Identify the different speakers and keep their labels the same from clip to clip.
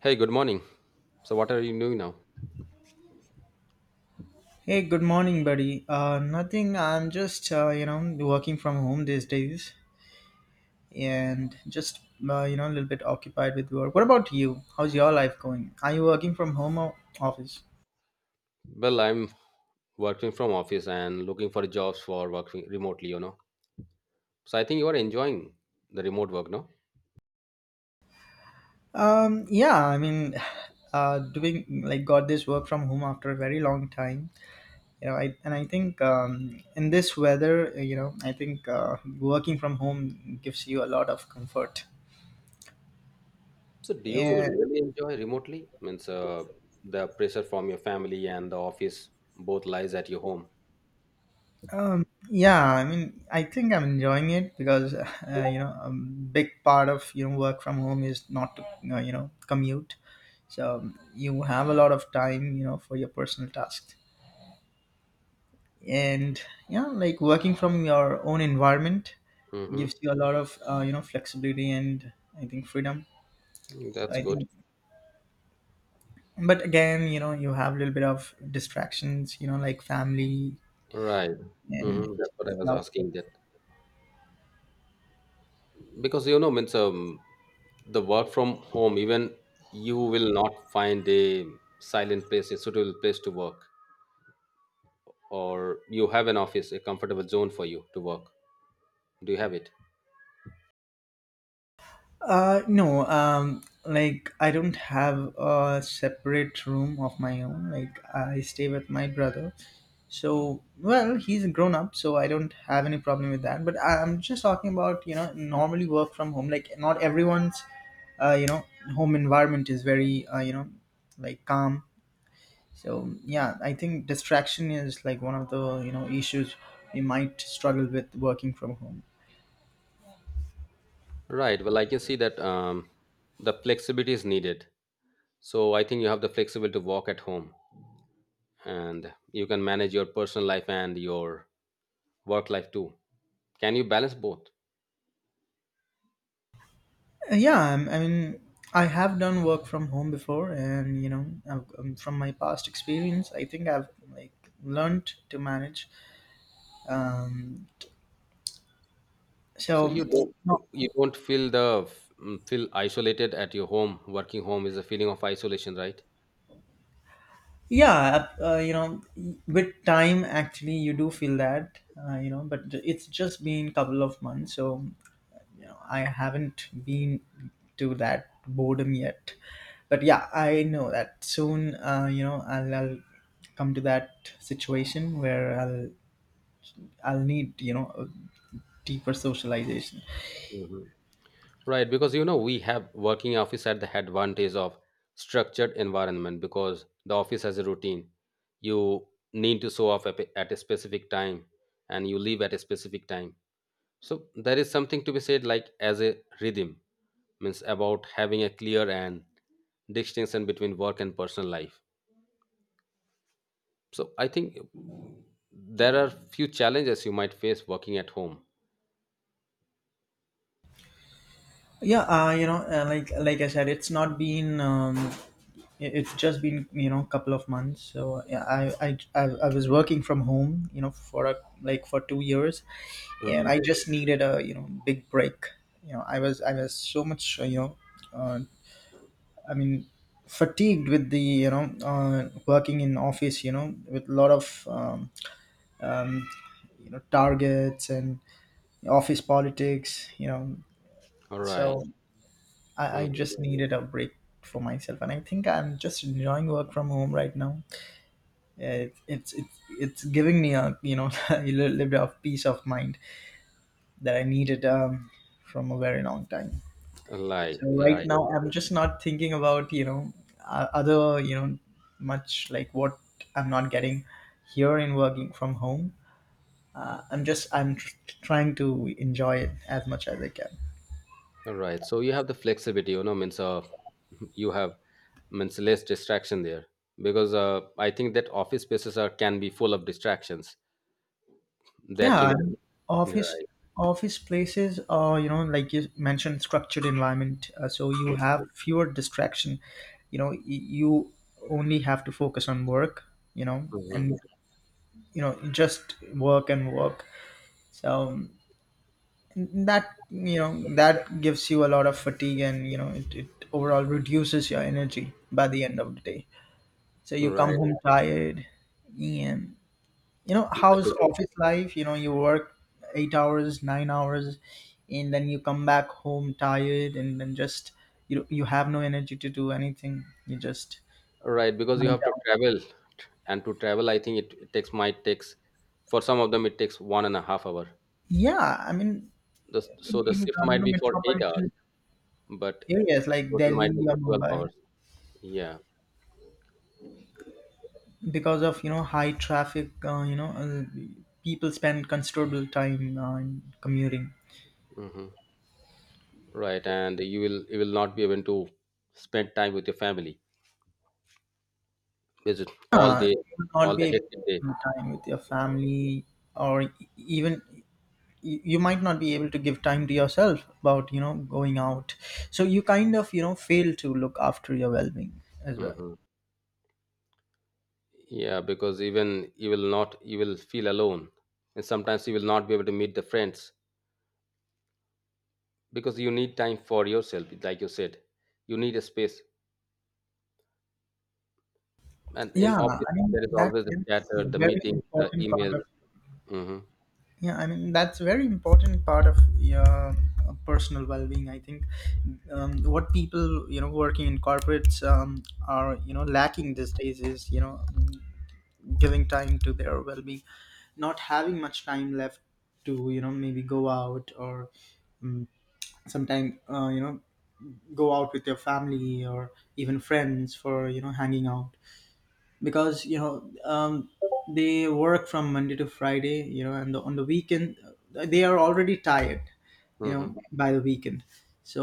Speaker 1: Hey, good morning. So, what are you doing now?
Speaker 2: Hey, good morning, buddy. Nothing. I'm just working from home these days, and just a little bit occupied with work. What about you? How's your life going? Are you working from home or office?
Speaker 1: Well, I'm working from office and looking for jobs for working remotely, So, I think you are enjoying the remote work, no?
Speaker 2: Yeah, I mean, doing like got this work from home after a very long time. You know, I think in this weather, I think working from home gives you a lot of comfort.
Speaker 1: So, do you
Speaker 2: Yeah.
Speaker 1: really enjoy remotely? Means the pressure from your family and the office both lies at your home.
Speaker 2: Yeah, I mean, I think I'm enjoying it because a big part of work from home is not to commute, so you have a lot of time for your personal tasks. And yeah, like working from your own environment
Speaker 1: Mm-hmm.
Speaker 2: gives you a lot of flexibility and I think freedom. So
Speaker 1: That's
Speaker 2: I
Speaker 1: good.
Speaker 2: think, but again, you know, you have a little bit of distractions, you know, like family
Speaker 1: Right.
Speaker 2: and
Speaker 1: Mm-hmm. That's what I was
Speaker 2: stuff.
Speaker 1: asking that. Because, means the work from home, even you will not find a silent place, a suitable place to work. Or you have an office, a comfortable zone for you to work? Do you have it?
Speaker 2: No, like I don't have a separate room of my own. Like I stay with my brother. So, well, he's grown up, so I don't have any problem with that. But I'm just talking about, you know, normally work from home. Like not everyone's, uh, you know, home environment is very, you know, like calm. So yeah, I think distraction is like one of the, you know, issues we might struggle with working from home.
Speaker 1: Right. Well, I can see that the flexibility is needed. So I think you have the flexibility to work at home and you can manage your personal life and your work life too. Can you balance both?
Speaker 2: Yeah, I'm, I mean, I have done work from home before, and you know, I've, from my past experience, I think I've like learned to manage. Um,
Speaker 1: So
Speaker 2: so, no,
Speaker 1: you don't feel the feel isolated at your home. Working home is a feeling of isolation, right?
Speaker 2: yeah, you know, with time, actually, you do feel that, but it's just been couple of months, so you know, I haven't been to that boredom yet. But yeah, I know that soon, I'll come to that situation where I'll need a deeper socialization.
Speaker 1: Mhm. Right, because you know we have working office at the advantage of structured environment because the office has a routine. You need to show up at a specific time and you leave at a specific time. So there is something to be said like as a rhythm means about having a clear and distinction between work and personal life. So I think there are few challenges you might face working at home.
Speaker 2: Yeah, like I said, it's not been. It's just been a couple of months. So yeah, I was working from home, you know, for a, like for 2 years, and I just needed a big break. I was so much uh, I mean, fatigued with the working in office. You know, with a lot of um, targets and office politics. You know,
Speaker 1: All right.
Speaker 2: so I
Speaker 1: Mhm.
Speaker 2: just needed a break for myself, and I think I'm just enjoying work from home right now. It's it's giving me a a little bit of peace of mind that I needed from a very long time.
Speaker 1: Like,
Speaker 2: So right
Speaker 1: right.
Speaker 2: now I'm just not thinking about other much like what I'm not getting here in working from home. I'm just trying to enjoy it as much as I can.
Speaker 1: All right. So you have the flexibility, means you have means less distraction there because I think that office spaces are can be full of distractions, there
Speaker 2: Yeah,
Speaker 1: can be
Speaker 2: and office
Speaker 1: right.
Speaker 2: office places are, you know, like you mentioned, structured environment. So you have fewer distraction. You know, you only have to focus on work. You know,
Speaker 1: Mhm.
Speaker 2: and just work and work. So that that gives you a lot of fatigue, and you know it, it overall reduces your energy by the end of the day. So you come
Speaker 1: Right.
Speaker 2: home tired, and you know
Speaker 1: Yeah,
Speaker 2: how's
Speaker 1: because,
Speaker 2: office life you know you work 8 hours 9 hours and then you come back home tired and then just you have no energy to do anything you just
Speaker 1: right because
Speaker 2: lie
Speaker 1: you have to
Speaker 2: down.
Speaker 1: travel and to travel I think it takes might takes for some of them it takes 1.5 hours
Speaker 2: Yeah, I mean,
Speaker 1: the, so the
Speaker 2: in
Speaker 1: shift might be for 8 hours
Speaker 2: metropolitan
Speaker 1: but
Speaker 2: areas like
Speaker 1: total
Speaker 2: Delhi
Speaker 1: might be
Speaker 2: or
Speaker 1: for 12
Speaker 2: Mumbai,
Speaker 1: hours. Yeah.
Speaker 2: because of you know high traffic people spend considerable time in commuting.
Speaker 1: Hmm. Right, and you will not be able to spend time with your family because all
Speaker 2: Yeah,
Speaker 1: day,
Speaker 2: you would not
Speaker 1: all the
Speaker 2: be
Speaker 1: hectic day.
Speaker 2: able to spend time with your family or even you might not be able to give time to yourself about you know going out, so you kind of you know fail to look after your well-being as well.
Speaker 1: Hmm. Yeah, because even you will not you will feel alone and sometimes you will not be able to meet the friends because you need time for yourself like you said you need a space, and in
Speaker 2: Yeah, I
Speaker 1: office
Speaker 2: mean
Speaker 1: there is
Speaker 2: that,
Speaker 1: always the
Speaker 2: that's
Speaker 1: chatter,
Speaker 2: a
Speaker 1: the
Speaker 2: very
Speaker 1: meeting, the
Speaker 2: important part
Speaker 1: emails.
Speaker 2: of,
Speaker 1: Hmm.
Speaker 2: yeah, I mean that's a very important part of your personal well-being, I think. What people you know working in corporates are you know lacking these days is you know giving time to their well-being, not having much time left to you know maybe go out or um, sometimes go out with your family or even friends for you know hanging out, because you know they work from Monday to Friday, you know, and on the weekend they are already tired, you
Speaker 1: Hmm.
Speaker 2: know, by the weekend.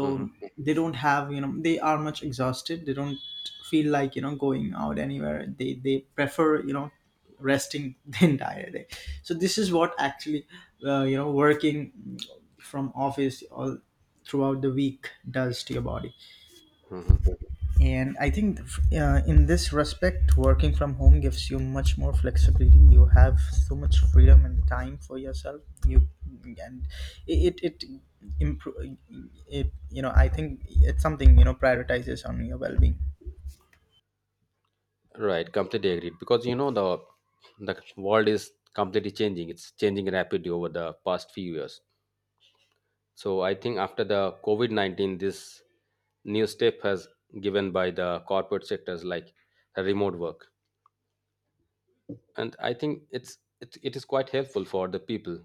Speaker 1: Hmm.
Speaker 2: they don't have you know they are much exhausted. They don't feel like you know going out anywhere. They prefer you know resting the entire day. So this is what actually working from office all throughout the week does to your body.
Speaker 1: Hmm.
Speaker 2: And I think in this respect working from home gives you much more flexibility. You have so much freedom and time for yourself you, and it improve, it you know I think it's something you know prioritizes on your well-being.
Speaker 1: Right, completely agreed because you know the world is completely changing, it's changing rapidly over the past few years. So I think after the COVID-19 this new step has given by the corporate sectors like remote work, and I think it is quite helpful for the people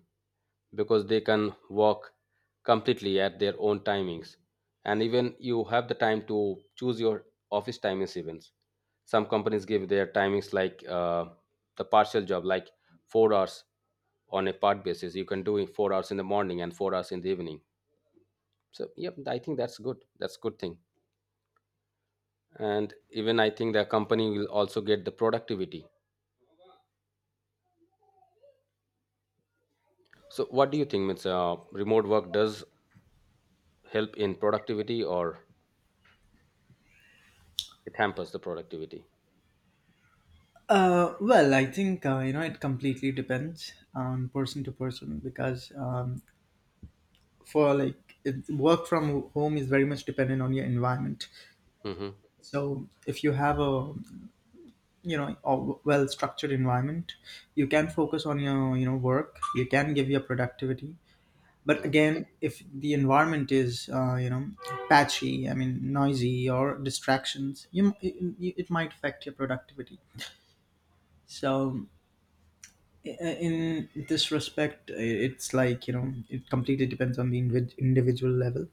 Speaker 1: because they can walk completely at their own timings, and even you have the time to choose your office timings events. Some companies give their timings like the partial job like 4 hours on a part basis. You can do it 4 hours in the morning and 4 hours in the evening. So yep, I think that's good, that's good thing. And even I think the company will also get the productivity. So what do you think, it's remote work does help in productivity or it hampers the productivity?
Speaker 2: Well, I think you know it completely depends on person to person because for like it, work from home is very much dependent on your environment.
Speaker 1: Hmm.
Speaker 2: So if you have a a well structured environment, you can focus on your you know work, you can give your productivity. But
Speaker 1: Hmm.
Speaker 2: again, if the environment is patchy, I mean noisy or distractions, you it might affect your productivity. So in this respect it's like you know it completely depends on the individual level.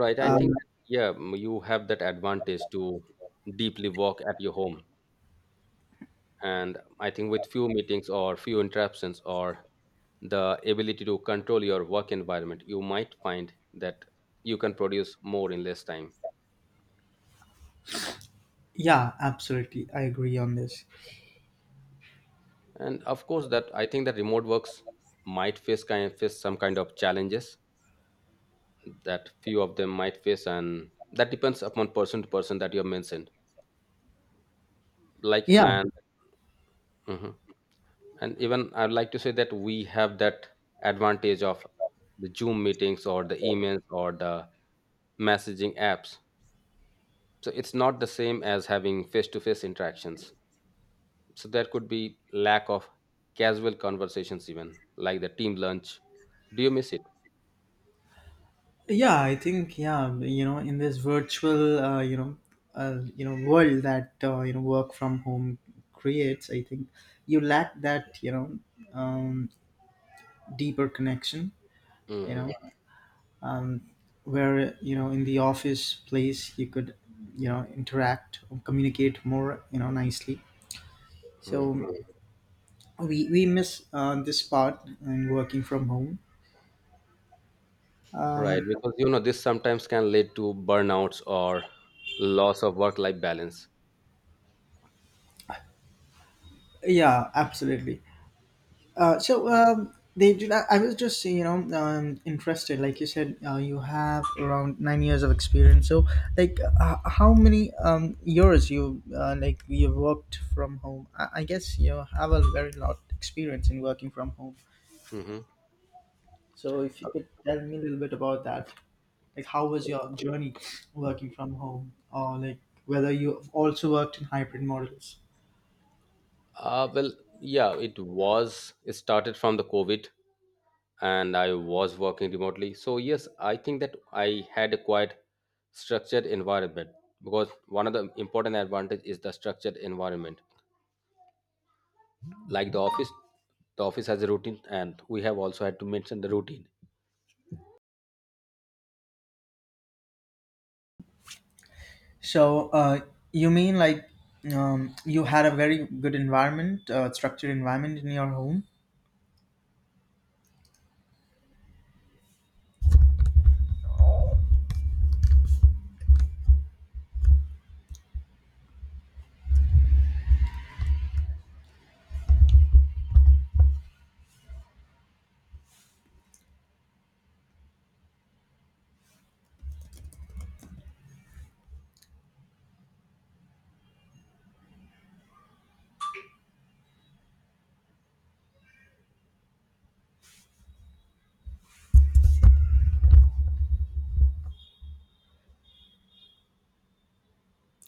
Speaker 1: Right. I think
Speaker 2: um,
Speaker 1: yeah you have that advantage to deeply work at your home, and I think with few meetings or few interruptions or the ability to control your work environment you might find that you can produce more in less time.
Speaker 2: yeah, absolutely, I agree on this.
Speaker 1: And of course that I think that remote works might face kind face some kind of challenges that few of them might face, and that depends upon person to person that you have mentioned like.
Speaker 2: yeah
Speaker 1: Hmm. And even I'd like to say that we have that advantage of the Zoom meetings or the emails or the messaging apps. So it's not the same as having face to face interactions. So there could be lack of casual conversations, even like the team lunch. Do you miss it?
Speaker 2: yeah, I think yeah you know in this virtual world that work from home creates, I think you lack that you know um, deeper connection, you know
Speaker 1: Hmm.
Speaker 2: um, where you know in the office place you could interact or communicate more you know nicely. So
Speaker 1: Hmm.
Speaker 2: we miss this part and working from home.
Speaker 1: Right,
Speaker 2: um,
Speaker 1: because you know this sometimes can lead to burnouts or loss of work-life balance.
Speaker 2: yeah, absolutely. So they did. I was just you know interested. Like you said, you have around 9 years of experience. So like, how many years you like you worked from home? I guess you have a very lot experience in working from home.
Speaker 1: Hmm.
Speaker 2: So if you could tell me a little bit about that, like how was your journey working from home, or like whether you also worked in hybrid models?
Speaker 1: Well, yeah, it was. It started from the COVID and I was working remotely. So yes, I think that I had a quite structured environment because one of the important advantage is the structured environment. Like the office has a routine, and we have also had to mention the routine.
Speaker 2: So, you mean like you had a very good environment, structured environment in your home?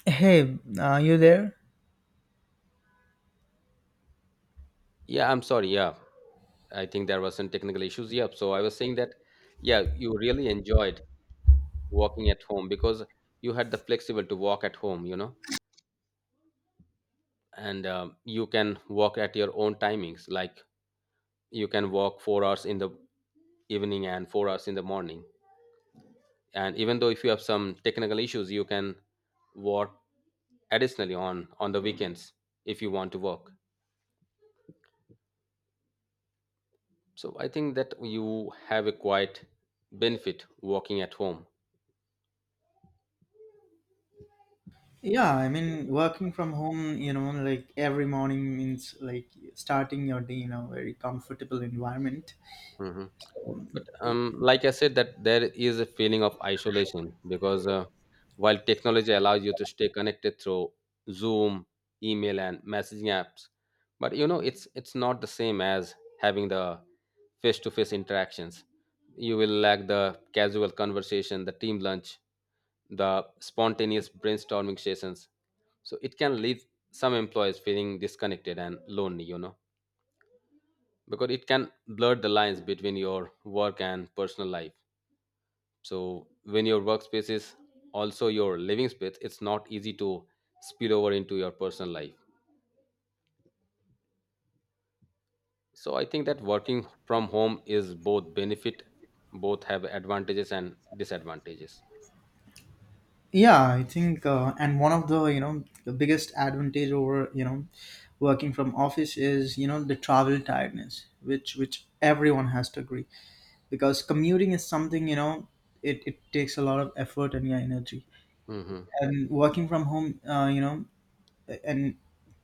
Speaker 2: Hey, are you there?
Speaker 1: Yeah, I'm sorry. Yeah, I think there were some technical issues. Yeah, so I was saying that yeah, you really enjoyed working at home because you had the flexible to walk at home. You know, and you can walk at your own timings like you can walk 4 hours in the evening and 4 hours in the morning, and even though if you have some technical issues you can work additionally on the weekends if you want to work. So I think that you have a quite benefit working at home.
Speaker 2: Yeah, I mean, working from home, you know, like every morning means like starting your day in a very comfortable environment.
Speaker 1: Mhm.
Speaker 2: Um,
Speaker 1: Like I said, that there is a feeling of isolation because while technology allows you to stay connected through Zoom, email, and messaging apps, but you know it's not the same as having the face-to-face interactions. You will lack the casual conversation, the team lunch, the spontaneous brainstorming sessions. So it can leave some employees feeling disconnected and lonely. You know, because it can blur the lines between your work and personal life. So when your workspace is also your living space, it's not easy to spill over into your personal life. So I think that working from home is both benefit, both have advantages and disadvantages.
Speaker 2: yeah, I think, and one of the, you know, the biggest advantage over, you know, working from office is, you know, the travel tiredness, which everyone has to agree, because commuting is something you know it, it takes a lot of effort and yeah, energy.
Speaker 1: Hmm.
Speaker 2: And working from home and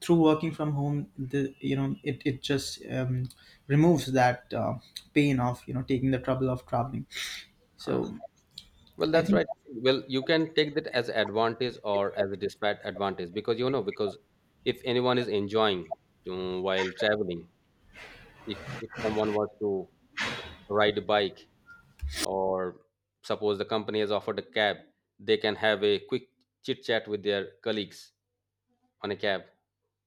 Speaker 2: through working from home the you know it, it just removes that pain of you know taking the trouble of traveling. So
Speaker 1: Uh-huh. Well,
Speaker 2: I
Speaker 1: that's
Speaker 2: think
Speaker 1: right. Well, you can take that as advantage or as a disadvantage because you know because if anyone is enjoying while traveling, if if someone wants to ride a bike or suppose the company has offered a cab, they can have a quick chit chat with their colleagues on a cab.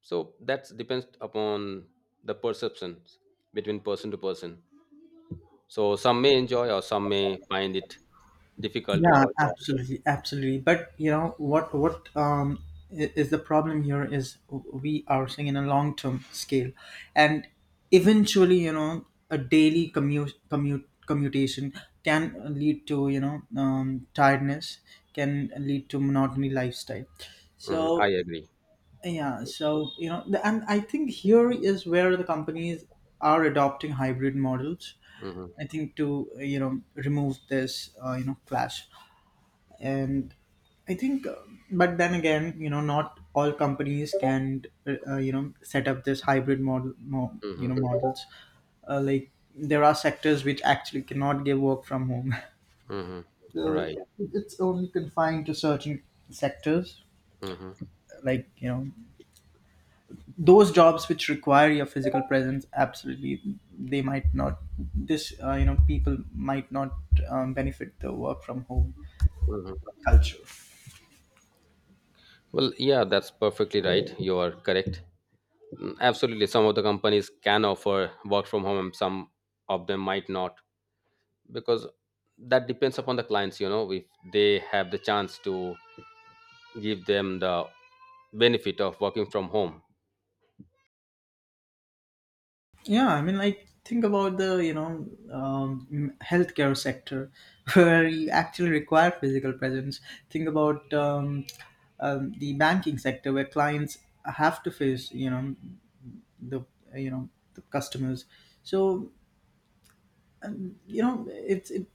Speaker 1: So that depends upon the perceptions between person to person. So some may enjoy or some may find it difficult
Speaker 2: yeah,
Speaker 1: or.
Speaker 2: absolutely. But you know what? What is the problem here is we are seeing in a long-term scale, and eventually, you know, a daily commutation can lead to you know tiredness, can lead to monotony lifestyle.
Speaker 1: Mhm, I
Speaker 2: So
Speaker 1: agree.
Speaker 2: yeah, so you know, the- and I think here is where the companies are adopting hybrid models.
Speaker 1: Hmm.
Speaker 2: I think to remove this clash. And I think but then again you know not all companies can set up this hybrid you know
Speaker 1: Hmm.
Speaker 2: models like there are sectors which actually cannot give work from home
Speaker 1: Hmm.
Speaker 2: so
Speaker 1: Right.
Speaker 2: it's only confined to certain sectors,
Speaker 1: Hmm.
Speaker 2: like you know those jobs which require your physical presence absolutely. They might not, this people might not benefit the work from home
Speaker 1: Hmm.
Speaker 2: culture.
Speaker 1: Well yeah, that's perfectly right, you are correct. Mm, absolutely some of the companies can offer work from home and some of them might not because that depends upon the clients, you know, if they have the chance to give them the benefit of working from home.
Speaker 2: Yeah, I mean, like think about the healthcare sector where you actually require physical presence. Think about the banking sector where clients have to face you know the you know the customers. So you know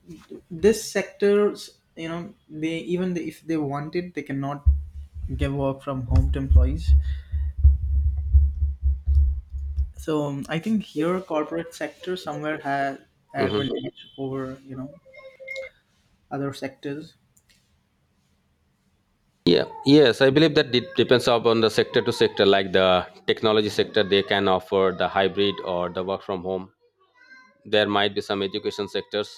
Speaker 2: this sectors you know they even if they want it they cannot give work from home to employees. I think here corporate sector somewhere has
Speaker 1: Mhm.
Speaker 2: advantage over other sectors.
Speaker 1: Yeah, yes I believe that it depends upon the sector to sector like the technology sector, they can offer the hybrid or the work from home. There might be some education sectors.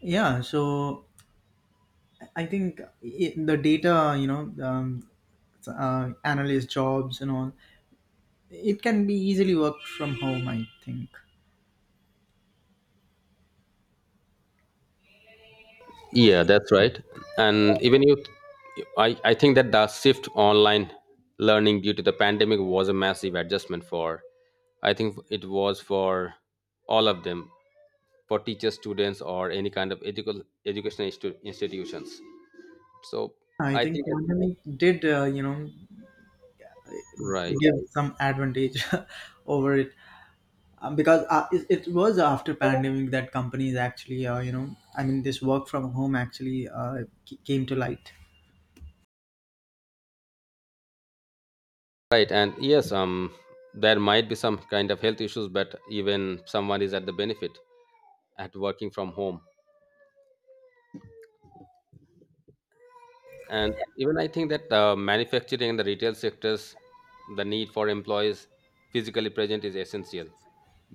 Speaker 2: Yeah, so I think I the data, you know um, analyst jobs and all, it can be easily worked from home, I think.
Speaker 1: Yeah, that's right, and even you I think that the shift to online learning due to the pandemic was a massive adjustment for, I think it was for all of them, for teachers, students or any kind of educational educational institutions. So
Speaker 2: I
Speaker 1: I
Speaker 2: think
Speaker 1: think
Speaker 2: pandemic did
Speaker 1: that right
Speaker 2: give some advantage over it, because it was after pandemic that companies actually this work from home actually came to light.
Speaker 1: right and yes there might be some kind of health issues but even someone is at the benefit at working from home. And even I think that manufacturing and the retail sectors the need for employees physically present is essential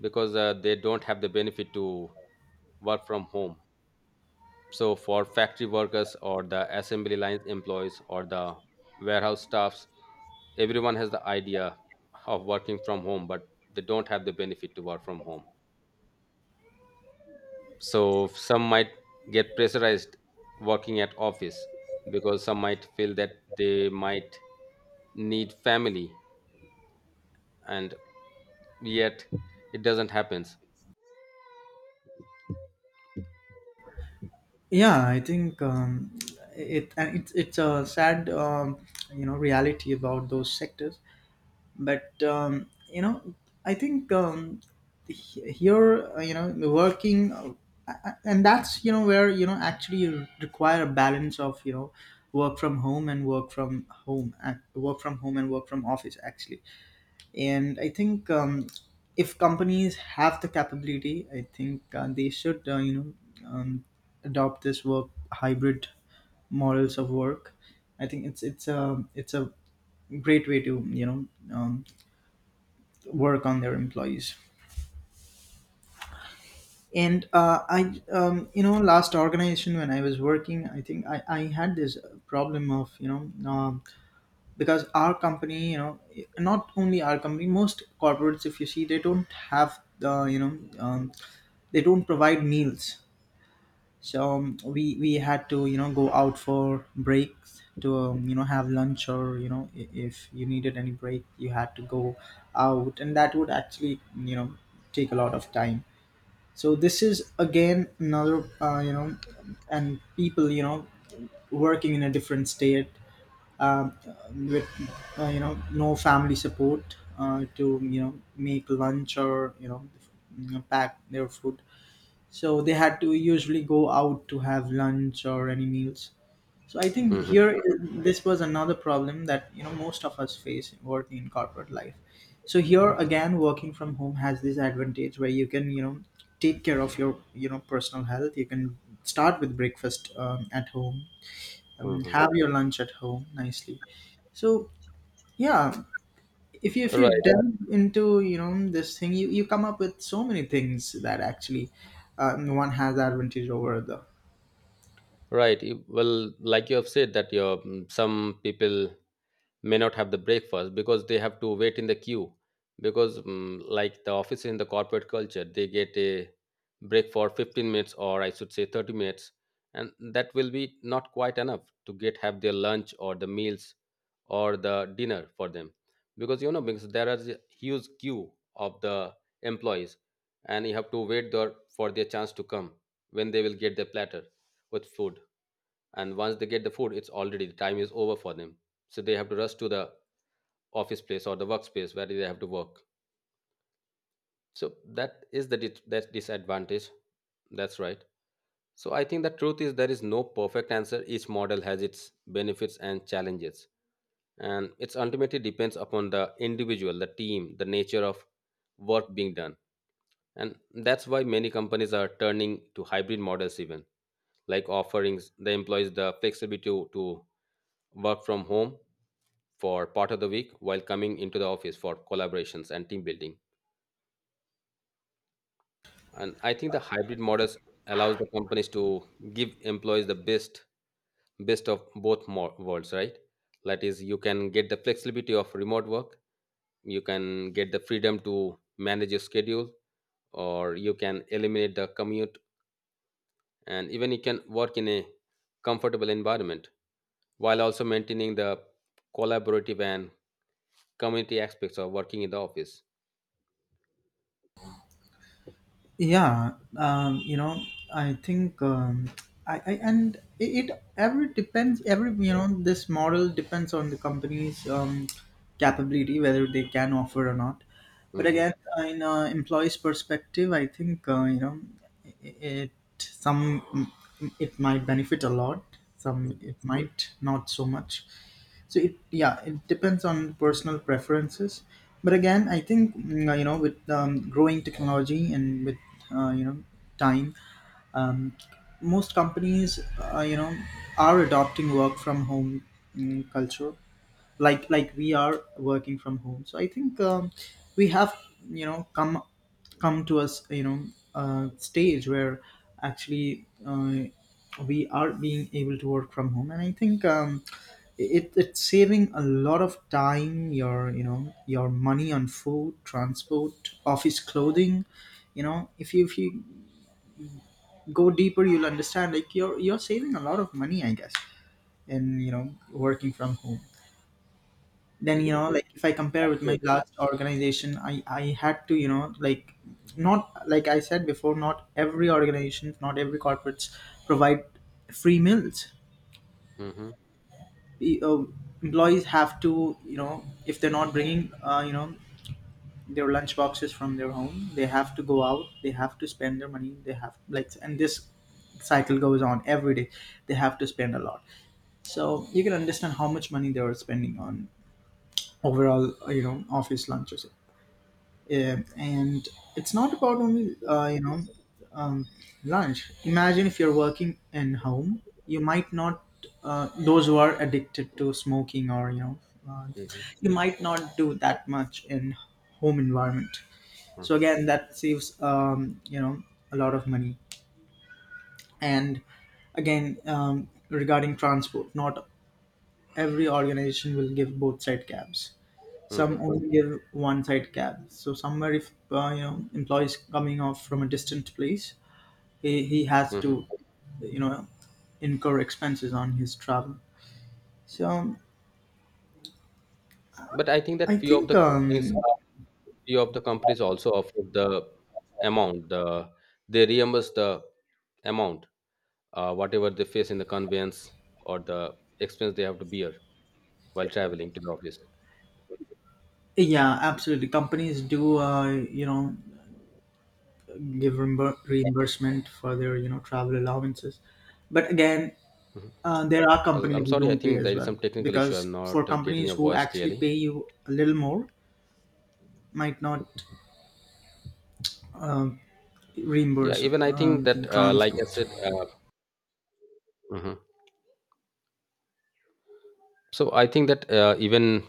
Speaker 1: because they don't have the benefit to work from home. So, for factory workers or the assembly line employees or the warehouse staffs, everyone has the idea of working from home, but they don't have the benefit to work from home. So, some might get pressurized working at office because some might feel that they might need family, and yet it doesn't happen.
Speaker 2: Yeah, I think it's a sad reality about those sectors. But i think um, here, working, and that's where actually you require a balance of work from home and work from office actually. And I think, if companies have the capability, I think they should, um, adopt this work hybrid models of work. I think it's a great way to um, work on their employees. And I you know last organization when I was working, I think I had this problem of because our company, not only our company, most corporates if you see, they don't have the they don't provide meals. So we had to go out for breaks to, have lunch, or if you needed any break you had to go out, and that would actually, take a lot of time. So this is again another, and people, working in a different state, um, with, no family support, to make lunch, or pack their food. So they had to usually go out to have lunch or any meals. So I think
Speaker 1: Mhm,
Speaker 2: here, this was another problem that, most of us face working in corporate life. So here again, working from home has this advantage where you can, take care of your, personal health. You can start with breakfast at home,
Speaker 1: mhm.
Speaker 2: have your lunch at home nicely. So yeah, if you, if you
Speaker 1: Right,
Speaker 2: delve into this thing, you come up with so many things that actually, one has advantage over the.
Speaker 1: right. You- Well, like you have said that your some people may not have the breakfast because they have to wait in the queue because like the office in the corporate culture they get a break for 15 minutes or I should say 30 minutes, and that will be not quite enough to get have their lunch or the meals or the dinner for them because you know, because there are a huge queue of the employees and you have to wait there for their chance to come when they will get their platter with food, and once they get the food it's already the time is over for them. So they have to rush to the office place or the workspace where they have to work. So that is that disadvantage. That's right. So I think the truth is there is no perfect answer, each model has its benefits and challenges, and it's ultimately depends upon the individual, the team, the nature of work being done. And that's why many companies are turning to hybrid models even like offerings the employees the flexibility to work from home for part of the week while coming into the office for collaborations and team building. And I think the hybrid models allows the companies to give employees the best best of both worlds, right? That is you can get the flexibility of remote work, you can get the freedom to manage your schedule or you can eliminate the commute, and even you can work in a comfortable environment while also maintaining the collaborative and community aspects of working in the office.
Speaker 2: Yeah, um, you know i think um, I, and it every depends every this model depends on the company's, capability, whether they can offer or not. But
Speaker 1: Hmm.
Speaker 2: again, in employees perspective, I think, it some, it might benefit a lot, some it might not so much. So it, yeah, it depends on personal preferences. But again, I think, with, growing technology and with, uh, you know time, um, most companies, uh, you know are adopting work from home culture. Like we are working from home, so I think, we have, you know come come to us, you know stage where actually, we are being able to work from home. And I think, it's saving a lot of time, your, your money on food, transport, office, clothing. If you, if you go deeper, you'll understand like you're saving a lot of money, I guess, in working from home. Then
Speaker 1: Yeah,
Speaker 2: like if I compare with my
Speaker 1: absolutely.
Speaker 2: last organization, I had to, like not, like I said before, not every organization, not every corporates provide free meals.
Speaker 1: Hmm.
Speaker 2: The, employees have to, if they're not bringing, their lunch boxes from their home, they have to go out, they have to spend their money, they have like, and this cycle goes on every day. They have to spend a lot, so you can understand how much money they were spending on overall, office lunches. Yeah, and it's not about only, um, lunch. Imagine if you're working in home, you might not, those who are addicted to smoking, or uh, you might not do that much in home environment. So
Speaker 1: Hmm.
Speaker 2: again, that saves, a lot of money. And again, regarding transport, not every organization will give both side cabs, some
Speaker 1: Hmm.
Speaker 2: only give one side cab. So somewhere, if, employees coming off from a distant place, he has
Speaker 1: Hmm.
Speaker 2: to, you know incur expenses on his travel. So
Speaker 1: But I think
Speaker 2: I
Speaker 1: that few of
Speaker 2: think
Speaker 1: the companies, few of the companies also offer the amount. The they reimburse the amount, whatever they face in the conveyance or the expense they have to bear while traveling to the office.
Speaker 2: yeah, absolutely companies do, give reimbursement for their, travel allowances. But again, there are
Speaker 1: Well,
Speaker 2: companies
Speaker 1: I'm
Speaker 2: who
Speaker 1: sorry. I
Speaker 2: don't pay
Speaker 1: think there
Speaker 2: as
Speaker 1: is
Speaker 2: well,
Speaker 1: some technical issue. I'm
Speaker 2: because for
Speaker 1: not getting
Speaker 2: companies
Speaker 1: your
Speaker 2: who
Speaker 1: voice
Speaker 2: actually
Speaker 1: clearly.
Speaker 2: pay you a little more might not
Speaker 1: Yeah,
Speaker 2: reimburse
Speaker 1: even I think
Speaker 2: on the
Speaker 1: that, like I
Speaker 2: transport.
Speaker 1: said, mhm. So I think that even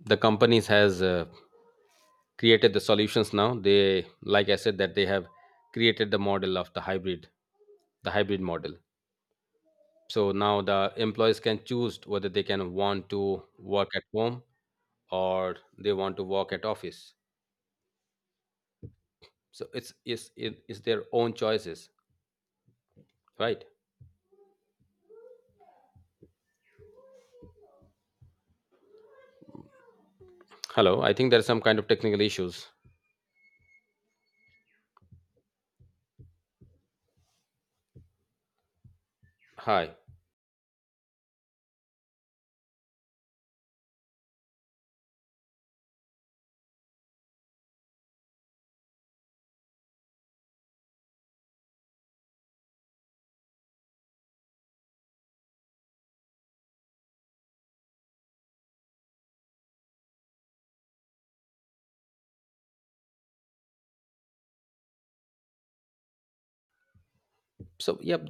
Speaker 1: the companies has created the solutions now they like I said that they have created the model of the hybrid, the hybrid model. So now the employees can choose whether they can want to work at home or they want to work at office. So it's their own choices, right? Hello, I think there are some kind of technical issues. Hi. So yep.